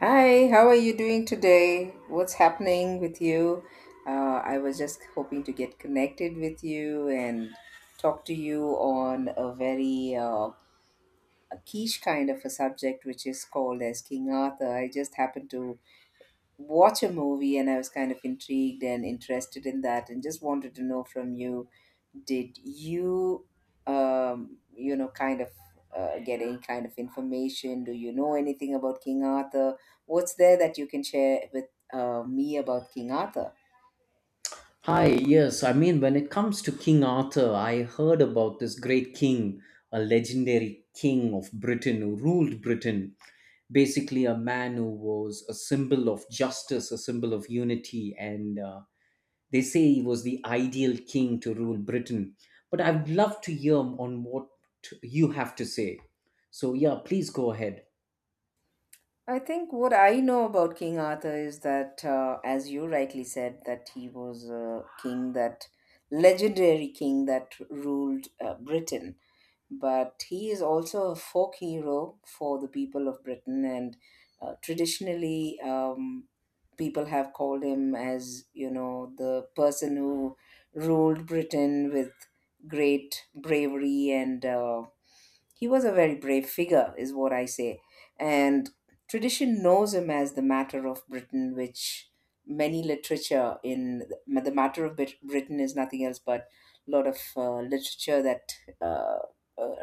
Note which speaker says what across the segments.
Speaker 1: Hi, how are you doing today? What's happening with you? I was just hoping to get connected with you and talk to you on a very a quiche kind of a subject, which is called as King Arthur. I just happened to watch a movie and I was kind of intrigued and interested in that and just wanted to know from you did you you know kind of get any kind of information, do you know anything about King Arthur, what's there that you can share with me about King Arthur?
Speaker 2: Hi, yes, I mean, when it comes to King Arthur, I heard about this great king, a legendary king of Britain who ruled Britain. Basically, a man who was a symbol of justice, a symbol of unity, and they say he was the ideal king to rule Britain. But I'd love to hear on what you have to say. So, yeah, please go ahead.
Speaker 1: I think what I know about King Arthur is that as you rightly said, that he was a king that, legendary king that ruled Britain, but he is also a folk hero for the people of Britain. And traditionally, people have called him as, you know, the person who ruled Britain with great bravery, and he was a very brave figure, is what I say, and tradition knows him as the matter of Britain, which many literature in the matter of Britain is nothing else but a lot of literature that uh, uh,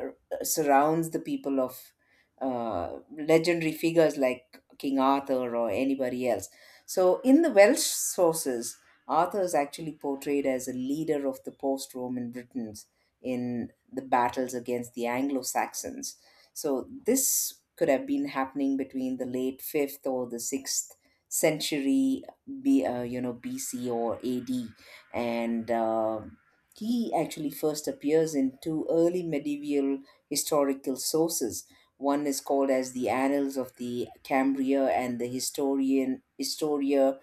Speaker 1: surrounds the people of legendary figures like King Arthur or anybody else. So, in the Welsh sources, Arthur is actually portrayed as a leader of the post Roman Britain in the battles against the Anglo Saxons. So, this could have been happening between the late 5th or the 6th century you know, BC or AD, and he actually first appears in two early medieval historical sources. One is called as the annals of the cambria and the historia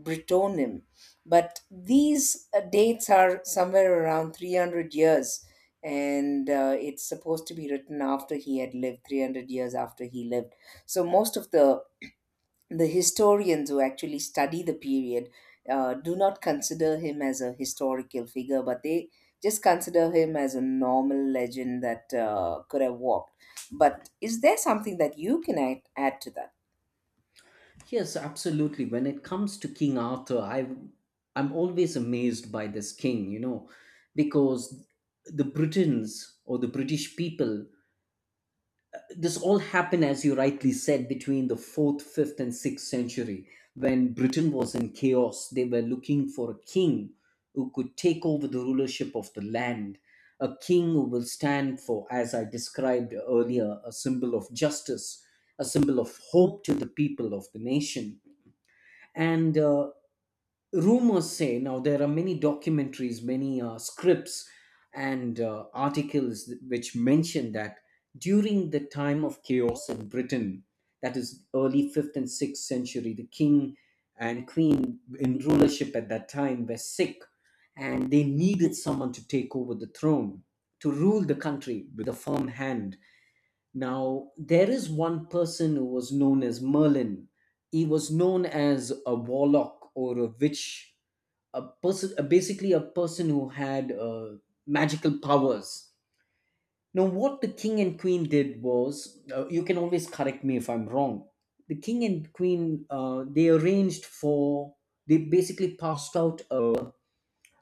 Speaker 1: Brittonum. But these dates are somewhere around 300 years, and it's supposed to be written after he had lived, 300 years after he lived. So most of the historians who actually study the period do not consider him as a historical figure, but they just consider him as a normal legend that could have walked. But is there something that you can add to that?
Speaker 2: Yes, absolutely. When it comes to King Arthur, I'm always amazed by this king, you know, because the Britons or the British people, this all happened as you rightly said between the 4th, 5th and 6th century when Britain was in chaos. They were looking for a king who could take over the rulership of the land, a king who will stand for, as I described earlier, a symbol of justice, a symbol of hope to the people of the nation, and rumors say, now there are many documentaries, many scripts and articles which mention that during the time of chaos in britain, that is early 5th and 6th century, the king and queen in rulership at that time were sick and they needed someone to take over the throne, to rule the country with a firm hand. Now, there is one person who was known as Merlin. He was known as a warlock or a witch, a person, basically a person who had magical powers. Now, what the king and queen did was, you can always correct me if I'm wrong. The king and queen, they arranged for, they basically passed out a,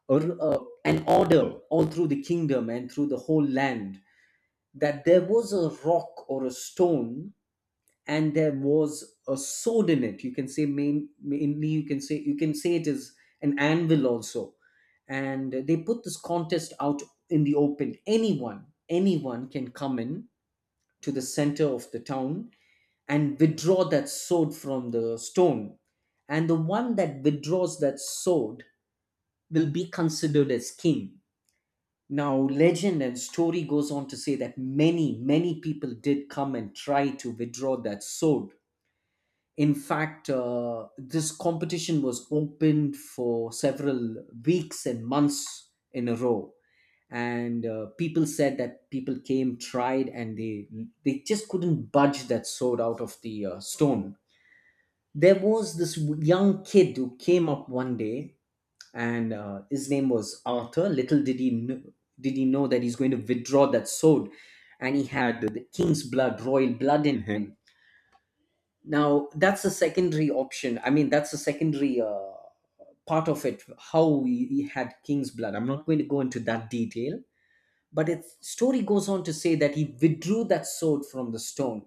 Speaker 2: a, a- an order all through the kingdom and through the whole land, that there was a rock or a stone and there was a sword in it. You can say mainly you can say, you can say it is an anvil also, and they put this contest out in the open. Anyone can come in to the center of the town and withdraw that sword from the stone, and the one that withdraws that sword will be considered as king. Now, legend and story goes on to say that many, many people did come and try to withdraw that sword. In fact, this competition was opened for several weeks and months in a row, and people said that people came, tried, and they just couldn't budge that sword out of the stone. There was this young kid who came up one day, and his name was Arthur. Little did he know that he's going to withdraw that sword, and he had the king's blood, royal blood in him. Now, that's a secondary option. I mean, that's a secondary part of it, how we he had King's blood. I'm not going to go into that detail, but its story goes on to say that he withdrew that sword from the stone,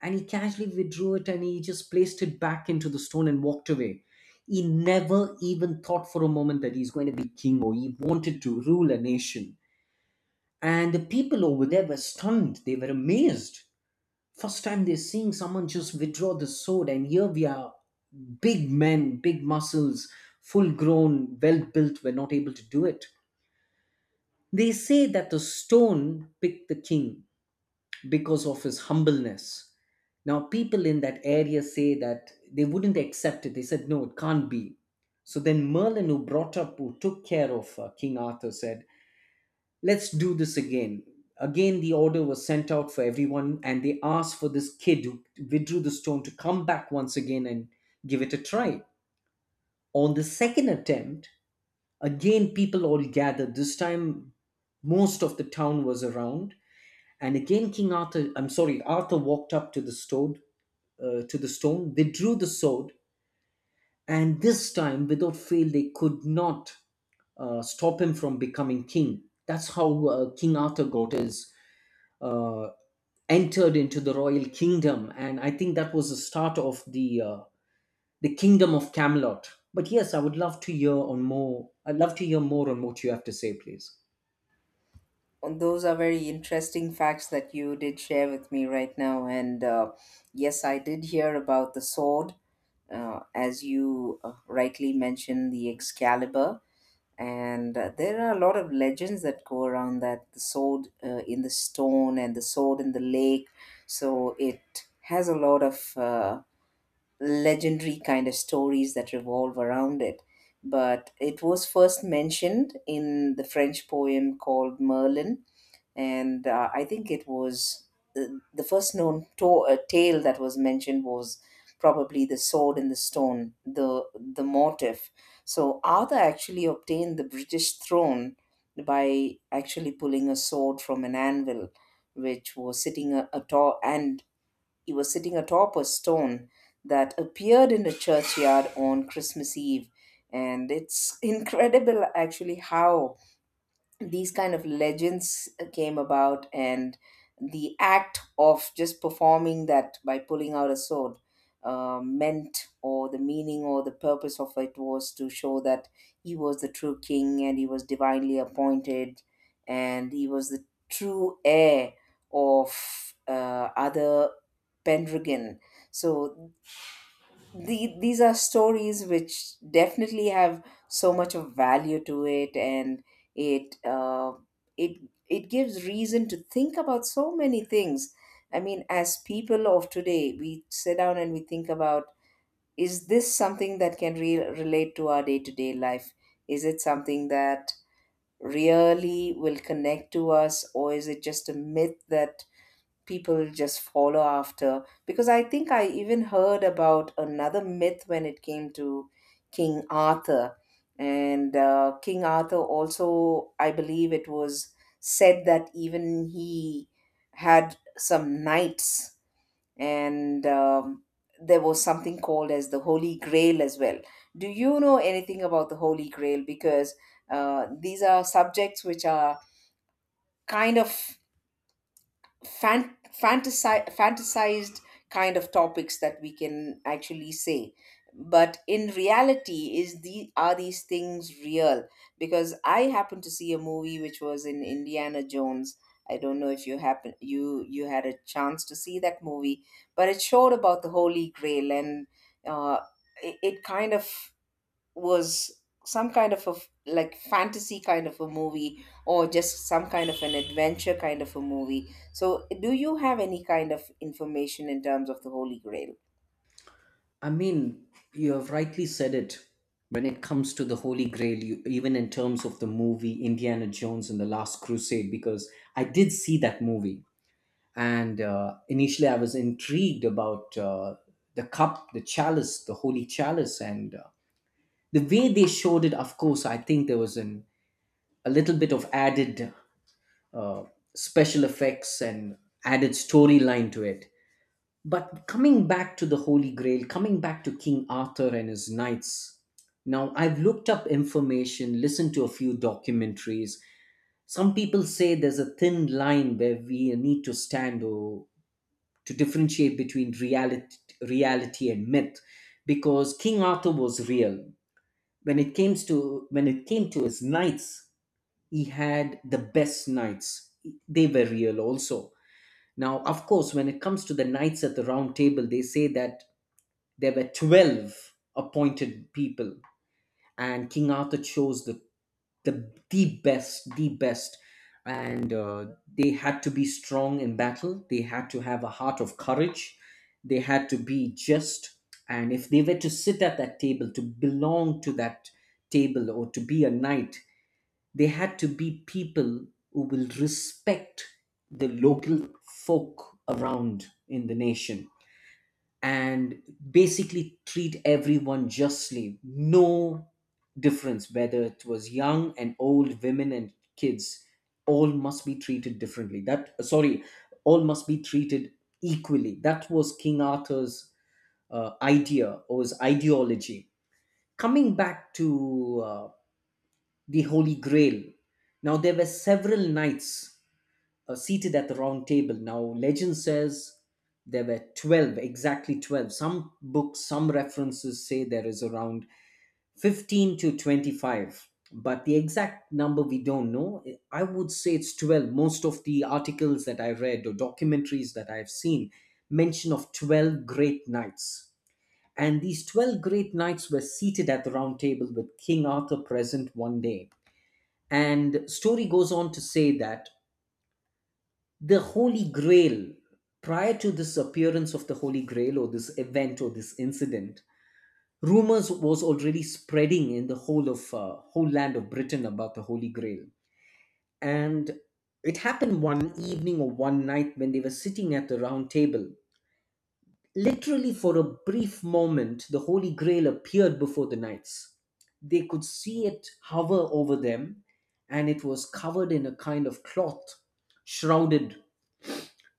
Speaker 2: and he casually withdrew it and he just placed it back into the stone and walked away. He never even thought for a moment that he's going to be king or he wanted to rule a nation. And the people over there were stunned, they were amazed. First time they're seeing someone just withdraw the sword, and here we are, big men, big muscles, full grown, well built, were not able to do it. They say that the stone picked the king because of his humbleness. Now, people in that area say that they wouldn't accept it. They said, no, it can't be. So then Merlin, who who took care of King Arthur, said, let's do this again. Again, the order was sent out for everyone, and they asked for this kid who withdrew the stone to come back once again and give it a try. On the second attempt, again people all gathered. This time, most of the town was around, and again King Arthur. I'm sorry, Arthur walked up to the stone, withdrew the sword, and this time, without fail, they could not stop him from becoming king. That's how King Arthur got his uh, entered into the royal kingdom, and I think that was the start of the kingdom of Camelot. But yes, I would love to hear on more I'd love to hear more on what you have to say, please.
Speaker 1: Those are very interesting facts that you did share with me right now. And yes, I did hear about the sword, as you rightly mentioned, the Excalibur. And there are a lot of legends that go around, that the sword in the stone and the sword in the lake. So it has a lot of legendary kind of stories that revolve around it. But it was first mentioned in the French poem called Merlin, and I think it was the first known tale that was mentioned was probably the sword and the stone, the motif. So Arthur actually obtained the British throne by actually pulling a sword from an anvil, which was sitting atop, and he was sitting atop a stone that appeared in the churchyard on Christmas Eve. And it's incredible actually how these kind of legends came about, and the act of just performing that by pulling out a sword meant, or the meaning or the purpose of it was to show that he was the true king and he was divinely appointed, and he was the true heir of other pendragon. So these are stories which definitely have so much of value to it, and it uh, it it gives reason to think about so many things. I mean, as people of today, we sit down and we think about, is this something that can relate to our day-to-day life? Is it something that really will connect to us, or is it just a myth that people just follow after? Because I think I even heard about another myth when it came to King Arthur. And King Arthur also, I believe it was said that even he had some knights, and there was something called as the Holy Grail as well. Do you know anything about the Holy Grail? Because these are subjects which are kind of fantasized kind of topics that we can actually say, but in reality, is the are these things real? Because I happened to see a movie which was, in Indiana Jones, I don't know if you happen you you had a chance to see that movie, but it showed about the Holy Grail, and uh, it, it kind of was some kind of a like fantasy kind of a movie, or just some kind of an adventure kind of a movie. So do you have any kind of information in terms of the Holy Grail?
Speaker 2: I mean, you have rightly said it. When it comes to the Holy Grail, you, even in terms of the movie Indiana Jones and the Last Crusade, because I did see that movie, and initially I was intrigued about the cup, the chalice, the holy chalice, and the way they showed it. Of course, I think there was an a little bit of added uh, special effects and added storyline to it. But coming back to the Holy Grail, coming back to King Arthur and his knights, now I've looked up information, listened to a few documentaries. Some people say there's a thin line where we need to stand or to differentiate between reality and myth, because King Arthur was real. When it came to when it came to his knights, he had the best knights. They were real also. Now of course, when it comes to the knights at the round table, they say that there were 12 appointed people, and King Arthur chose the best, the best, and they had to be strong in battle, they had to have a heart of courage, they had to be just, and if they were to sit at that table, to belong to that table or to be a knight, they had to be people who will respect the local folk around in the nation, and basically treat everyone justly. No difference whether it was young and old, women and kids. All must be treated all must be treated equally. That was King Arthur's idea or his ideology. Coming back to the Holy Grail. Now, there were several knights seated at the round table. Now, legend says there were 12, exactly 12. Some books, some references say there is around 15 to 25, but the exact number we don't know. I would say it's 12. Most of the articles that I read or documentaries that I've seen mention of 12 great knights. And these 12 great knights were seated at the round table with King Arthur present one day. And story goes on to say that the Holy Grail, prior to this appearance of the Holy Grail or this event or this incident, rumors was already spreading in the whole of whole land of Britain about the Holy Grail. And it happened one evening or one night when they were sitting at the round table. Literally, for a brief moment, the Holy Grail appeared before the knights. They could see it hover over them, and it was covered in a kind of cloth, shrouded.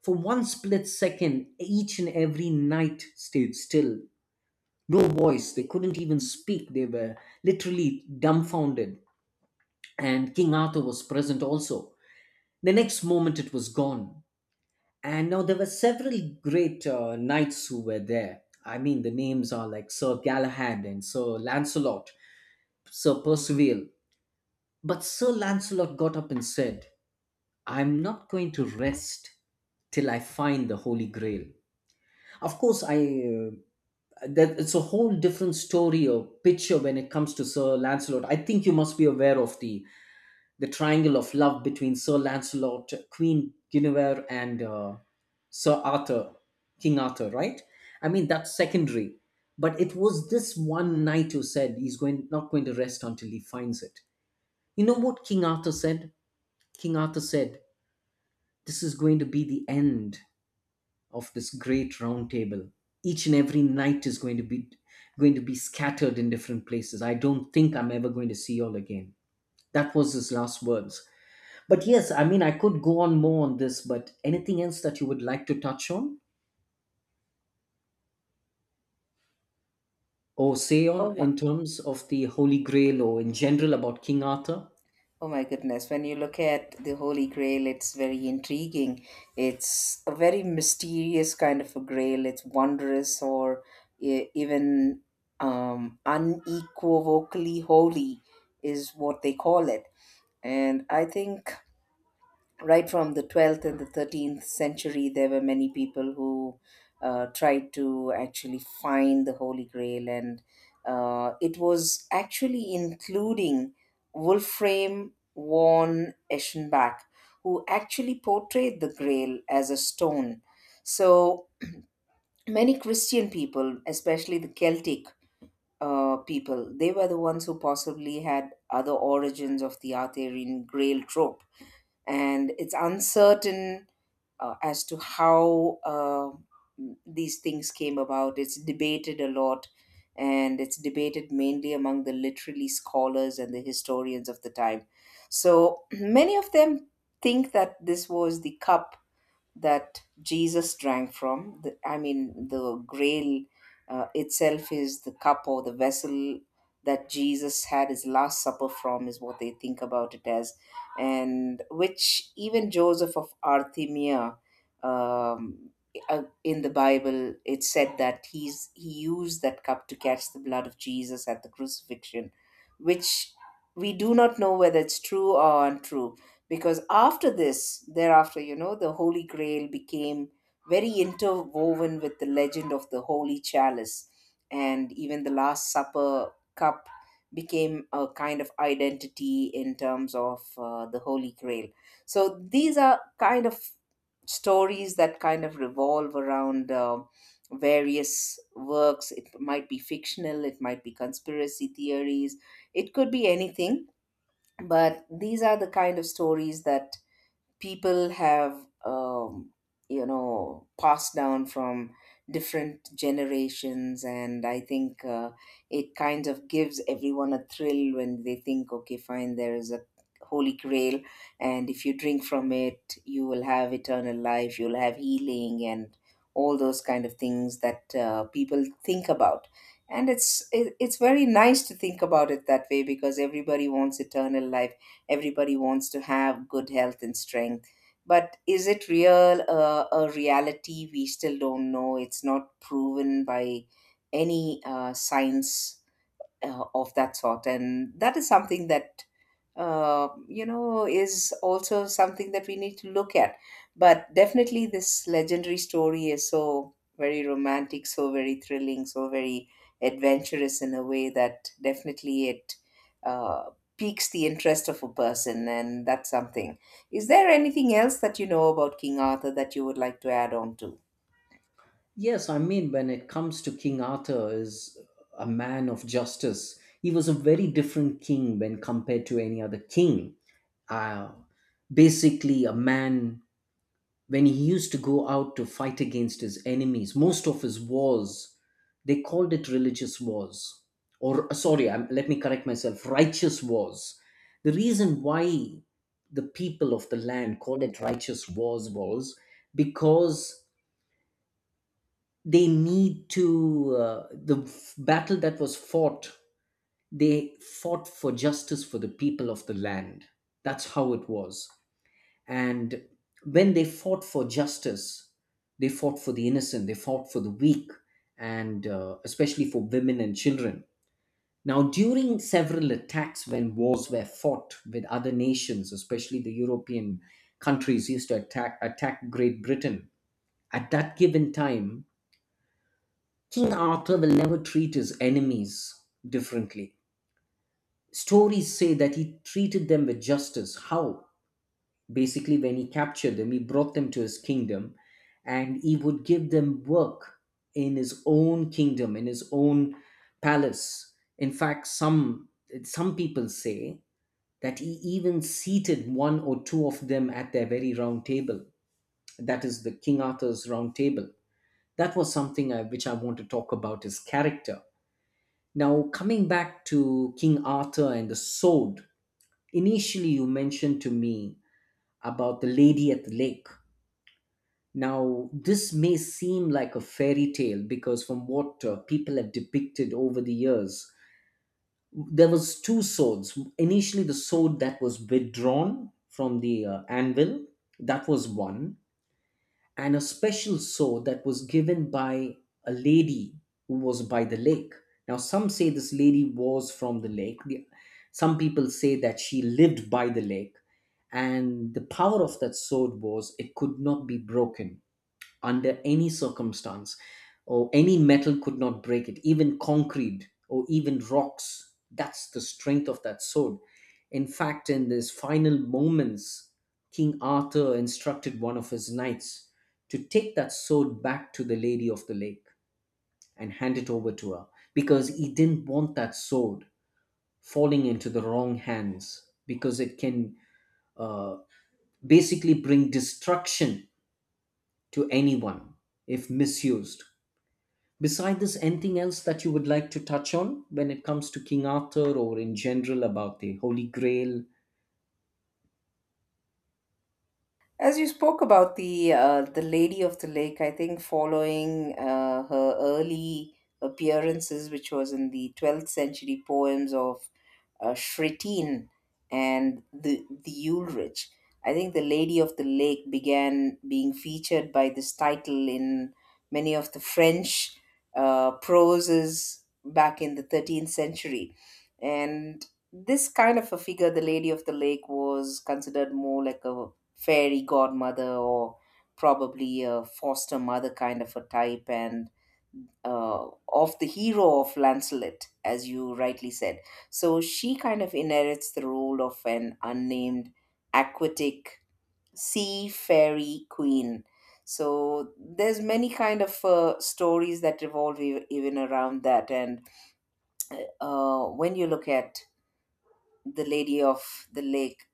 Speaker 2: For one split second, each and every knight stayed still. No voice, they couldn't even speak, they were literally dumbfounded. And King Arthur was present also. The next moment, it was gone. And now there were several great knights who were there. I mean, the names are like Sir Galahad and Sir Lancelot, Sir Percival. But Sir Lancelot got up and said, I'm not going to rest till I find the Holy Grail. Of course, I. That it's a whole different story or picture when it comes to Sir Lancelot. I think you must be aware of the triangle of love between Sir Lancelot, Queen Guinevere, and Sir Arthur, King Arthur, right? I mean, that's secondary. But it was this one knight who said he's going not going to rest until he finds it. You know what King Arthur said? King Arthur said, this is going to be the end of this great round table. Each and every knight is going to be scattered in different places. I don't think I'm ever going to see you all again. That was his last words. But yes, I mean, I could go on more on this, but anything else that you would like to touch on or say on
Speaker 1: Oh my,
Speaker 2: in terms of the Holy Grail or in general about King Arthur?
Speaker 1: oh my goodness, when you look at the Holy Grail, it's very intriguing. It's a very mysterious kind of a grail. It's wondrous or even unequivocally holy is what they call it. And I think right from the 12th and the 13th century, there were many people who tried to actually find the Holy Grail, and it was actually including Wolfram von Eschenbach, who actually portrayed the Grail as a stone. So many Christian people, especially the Celtic. People, they were the ones who possibly had other origins of the Arthurian grail trope, and it's uncertain as to how these things came about. It's debated a lot, and it's debated mainly among the literary scholars and the historians of the time. So many of them think that this was the cup that Jesus drank from. I mean, the grail itself is the cup or the vessel that Jesus had his last supper from, is what they think about it as. And which even Joseph of Arthemia, um, in the Bible, it said that he used that cup to catch the blood of Jesus at the crucifixion, which we do not know whether it's true or untrue, because after this, thereafter, you know, the Holy Grail became very interwoven with the legend of the holy chalice, and even the last supper cup became a kind of identity in terms of the Holy Grail. So these are kind of stories that kind of revolve around various works. It might be fictional, it might be conspiracy theories, it could be anything, but these are the kind of stories that people have you know, passed down from different generations. And I think it kind of gives everyone a thrill when they think, okay, fine, there is a Holy Grail, and if you drink from it, you will have eternal life, you'll have healing, and all those kind of things that people think about. And it's very nice to think about it that way, because everybody wants eternal life, everybody wants to have good health and strength. But is it real? A reality we still don't know. It's not proven by any science of that sort, and that is something that you know, is also something that we need to look at. But definitely, this legendary story is so very romantic, so very thrilling, so very adventurous in a way that definitely it uh, piques the interest of a person, and that's something. Is there anything else that you know about King Arthur that you would like to add on to?
Speaker 2: Yes, I mean, when it comes to King Arthur is a man of justice. He was a very different king when compared to any other king. Uh, basically, a man when he used to go out to fight against his enemies, most of his wars, they called it religious wars. Let me correct myself, righteous wars. The reason why the people of the land called it righteous wars was because they need to, the f- battle that was fought, they fought for justice for the people of the land. That's how it was. And when they fought for justice, they fought for the innocent, they fought for the weak, and especially for women and children. Now, during several attacks when wars were fought with other nations, especially the European countries used to attack Great Britain, at that given time, King Arthur will never treat his enemies differently. Stories say that he treated them with justice. How? Basically, when he captured them, he brought them to his kingdom and he would give them work in his own kingdom, in his own palace. In fact, some people say that he even seated one or two of them at their very round table. That is the King Arthur's round table. That was something which I want to talk about his character. Now, coming back to King Arthur and the sword, initially you mentioned to me about the lady at the lake. Now, this may seem like a fairy tale because from what people have depicted over the years, there was two swords. Initially, the sword that was withdrawn from the anvil, that was one, and a special sword that was given by a lady who was by the lake. Now, some say this lady was from the lake. Some people say that she lived by the lake, and the power of that sword was it could not be broken under any circumstance, or any metal could not break it, even concrete or even rocks. That's the strength of that sword. In fact, in his final moments, King Arthur instructed one of his knights to take that sword back to the Lady of the Lake and hand it over to her because he didn't want that sword falling into the wrong hands because it can uh, basically bring destruction to anyone if misused. Beside this, anything else that you would like to touch on when it comes to King Arthur or in general about the Holy Grail?
Speaker 1: As you spoke about the Lady of the Lake, I think following her early appearances, which was in the 12th century poems of Shretine and the Ulrich, I think the Lady of the Lake began being featured by this title in many of the French proses back in the 13th century, and this kind of a figure, the Lady of the Lake, was considered more like a fairy godmother, or probably a foster mother kind of a type, and of the hero of Lancelot, as you rightly said. So she kind of inherits the role of an unnamed aquatic sea fairy queen. So there's many kind of stories that revolve even around that. And when you look at the Lady of the Lake,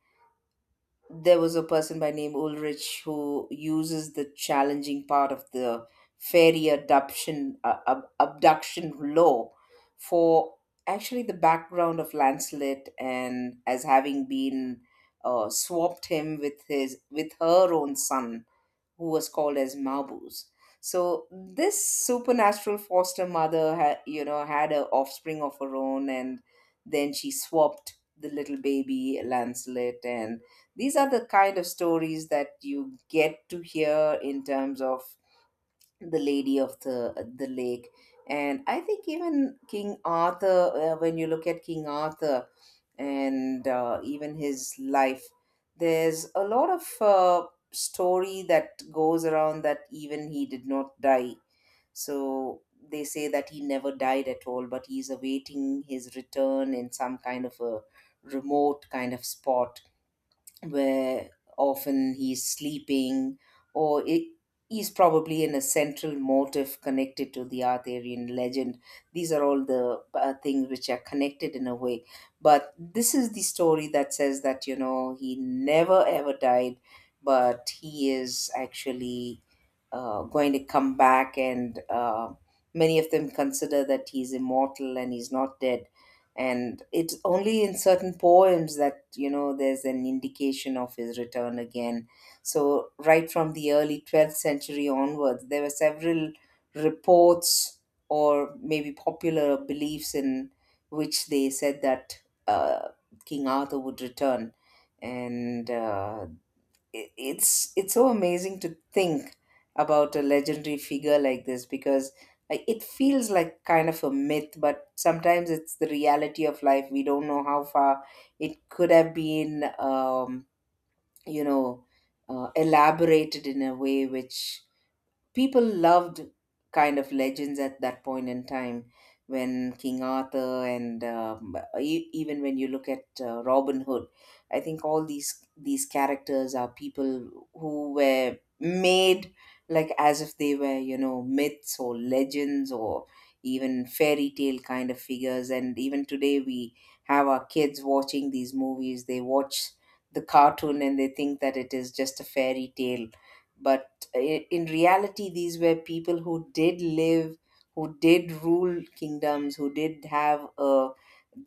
Speaker 1: there was a person by name Ulrich, who uses the challenging part of the fairy adoption abduction law for actually the background of Lancelot, and as having been swapped him with his with her own son, who was called as Mabuse. So this supernatural foster mother, you know, had an offspring of her own, and then she swapped the little baby Lancelot. And these are the kind of stories that you get to hear in terms of the lady of the lake, and I think even King Arthur. When you look at King Arthur and even his life, there's a lot of story that goes around that even he did not die. So they say that he never died at all, but he's awaiting his return in some kind of a remote kind of spot where often he's sleeping, or it, he's probably in a central motive connected to the Arthurian legend. These are all the things which are connected in a way. But this is the story that says that, he never ever died, but he is actually going to come back, and many of them consider that he's immortal and he's not dead. And it's only in certain poems that you know there's an indication of his return again. So right from the early 12th century onwards, there were several reports or maybe popular beliefs in which they said that King Arthur would return, and it's so amazing to think about a legendary figure like this, because like it feels like kind of a myth, but sometimes it's the reality of life. We don't know how far it could have been you know elaborated in a way which people loved kind of legends at that point in time, when King Arthur and even when you look at Robin Hood. I think all these characters are people who were made like as if they were, you know, myths or legends or even fairy tale kind of figures. And even today we have our kids watching these movies. They watch the cartoon and they think that it is just a fairy tale, but in reality these were people who did live, who did rule kingdoms, who did have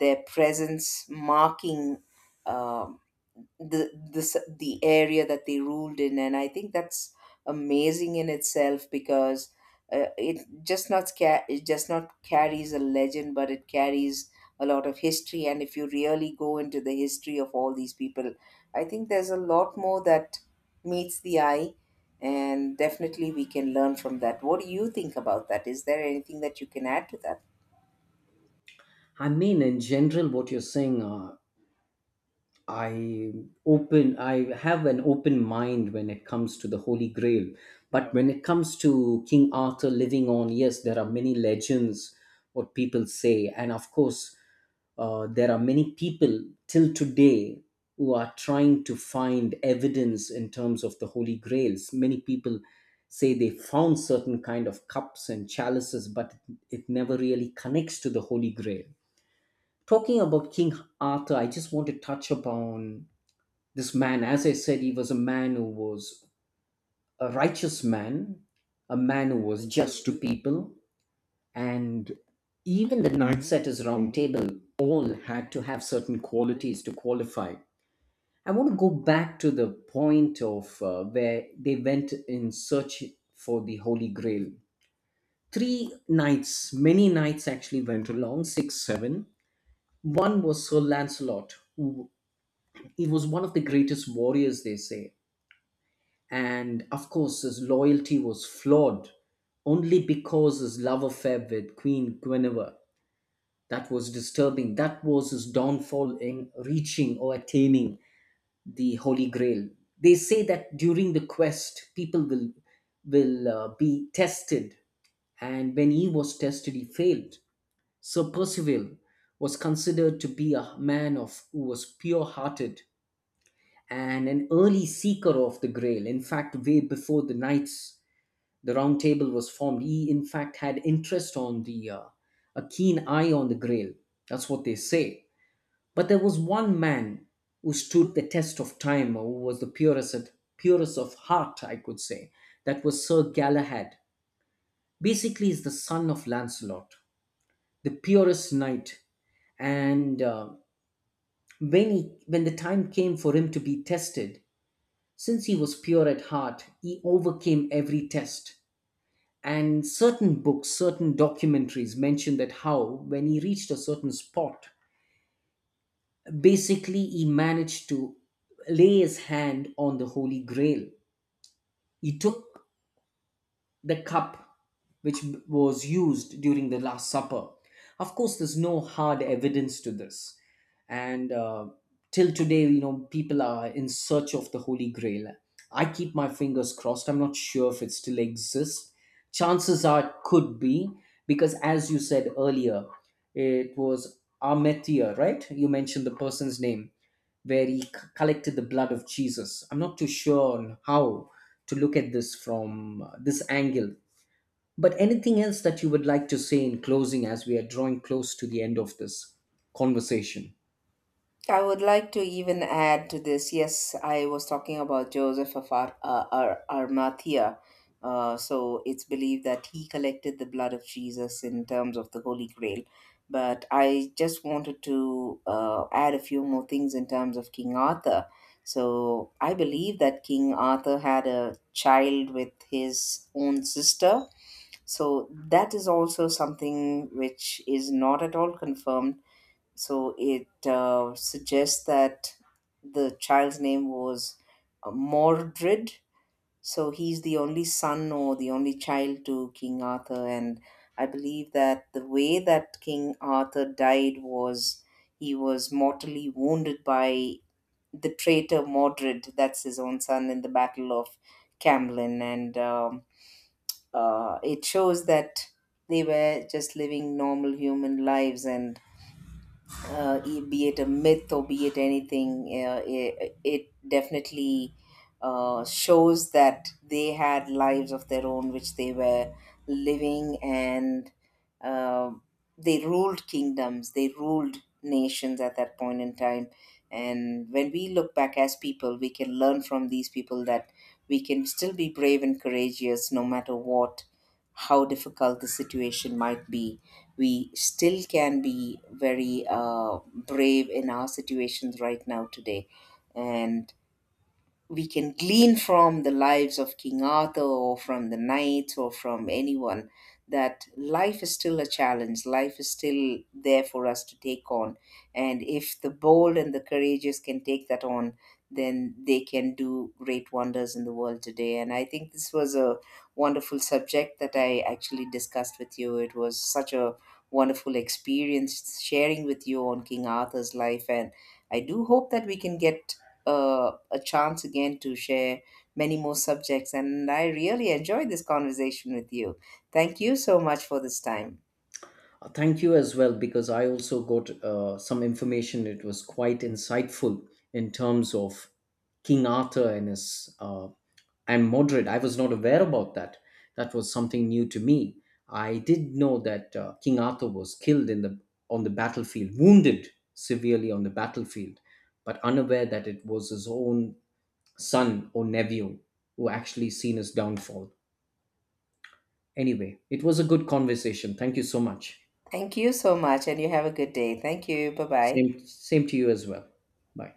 Speaker 1: their presence marking um the, the area that they ruled in. And I think that's amazing in itself, because it just not carries a legend, but it carries a lot of history. And if you really go into the history of all these people, I think there's a lot more that meets the eye, and definitely we can learn from that. What do you think about that? Is there anything that you can add to that?
Speaker 2: I mean, in general, what you're saying, I open I have an open mind when it comes to the Holy Grail, but when it comes to King Arthur living on, yes, there are many legends what people say, and of course, there are many people till today who are trying to find evidence in terms of the Holy Grails. Many people say they found certain kind of cups and chalices, but it never really connects to the Holy Grail. Talking about King Arthur, I just want to touch upon this man. As I said, he was a man who was a righteous man, a man who was just to people, and even the knights at his round table all had to have certain qualities to qualify. I want to go back to the point of where they went in search for the Holy Grail. Three knights, many knights actually went along, six, seven. One was Sir Lancelot, who he was one of the greatest warriors, they say, and of course his loyalty was flawed only because his love affair with Queen Guinevere, that was disturbing, that was his downfall in reaching or attaining the Holy Grail. They say that during the quest people will be tested, and when he was tested he failed. Sir Percival was considered to be a man of who was pure hearted and an early seeker of the Grail, in fact way before the knights the round table was formed. He, in fact, had interest on a keen eye on the Grail. That's what they say. But there was one man who stood the test of time, or who was the purest of heart, I could say. That was Sir Galahad. Basically, he's the son of Lancelot, the purest knight. And When he, when the time came for him to be tested, since he was pure at heart, he overcame every test. And certain books, certain documentaries mention that how, when he reached a certain spot, basically he managed to lay his hand on the Holy Grail. He took the cup which was used during the Last Supper. Of course, there's no hard evidence to this. And Till today, you know, people are in search of the Holy Grail. I keep my fingers crossed. I'm not sure if it still exists. Chances are it could be, because as you said earlier, it was Ametia, right? You mentioned the person's name where collected the blood of Jesus. I'm not too sure on how to look at this from this angle. But anything else that you would like to say in closing as we are drawing close to the end of this conversation?
Speaker 1: I would like to even add to this. Yes, I was talking about Joseph of Arimathea. So it's believed that he collected the blood of Jesus in terms of the Holy Grail. But I just wanted to add a few more things in terms of King Arthur. So I believe that King Arthur had a child with his own sister. So that is also something which is not at all confirmed. So it suggests that the child's name was Mordred. So he's the only son or the only child to King Arthur. And I believe that the way that King Arthur died was he was mortally wounded by the traitor Mordred, that's his own son, in the Battle of Camlin. And it shows that they were just living normal human lives, and be it a myth or be it anything, it definitely shows that they had lives of their own which they were living, and uh, they ruled kingdoms, they ruled nations at that point in time. And when we look back as people, we can learn from these people that we can still be brave and courageous no matter what. How difficult the situation might be, we still can be very brave in our situations right now today. And we can glean from the lives of King Arthur or from the knights or from anyone that life is still a challenge, life is still there for us to take on. And if the bold and the courageous can take that on, then they can do great wonders in the world today. And I think this was a wonderful subject that I actually discussed with you. It was such a wonderful experience sharing with you on King Arthur's life. And I do hope that we can get a chance again to share many more subjects. And I really enjoyed this conversation with you. Thank you so much for this time.
Speaker 2: Thank you as well, because I also got some information. It was quite insightful in terms of King Arthur and his I'm moderate. I was not aware about that. That was something new to me. I did know that King Arthur was killed in the on the battlefield, wounded severely on the battlefield, but unaware that it was his own son or nephew who actually seen his downfall. Anyway, it was a good conversation. Thank you so much.
Speaker 1: Thank you so much, and you have a good day. Thank you. Bye bye.
Speaker 2: Same to you as well. Bye.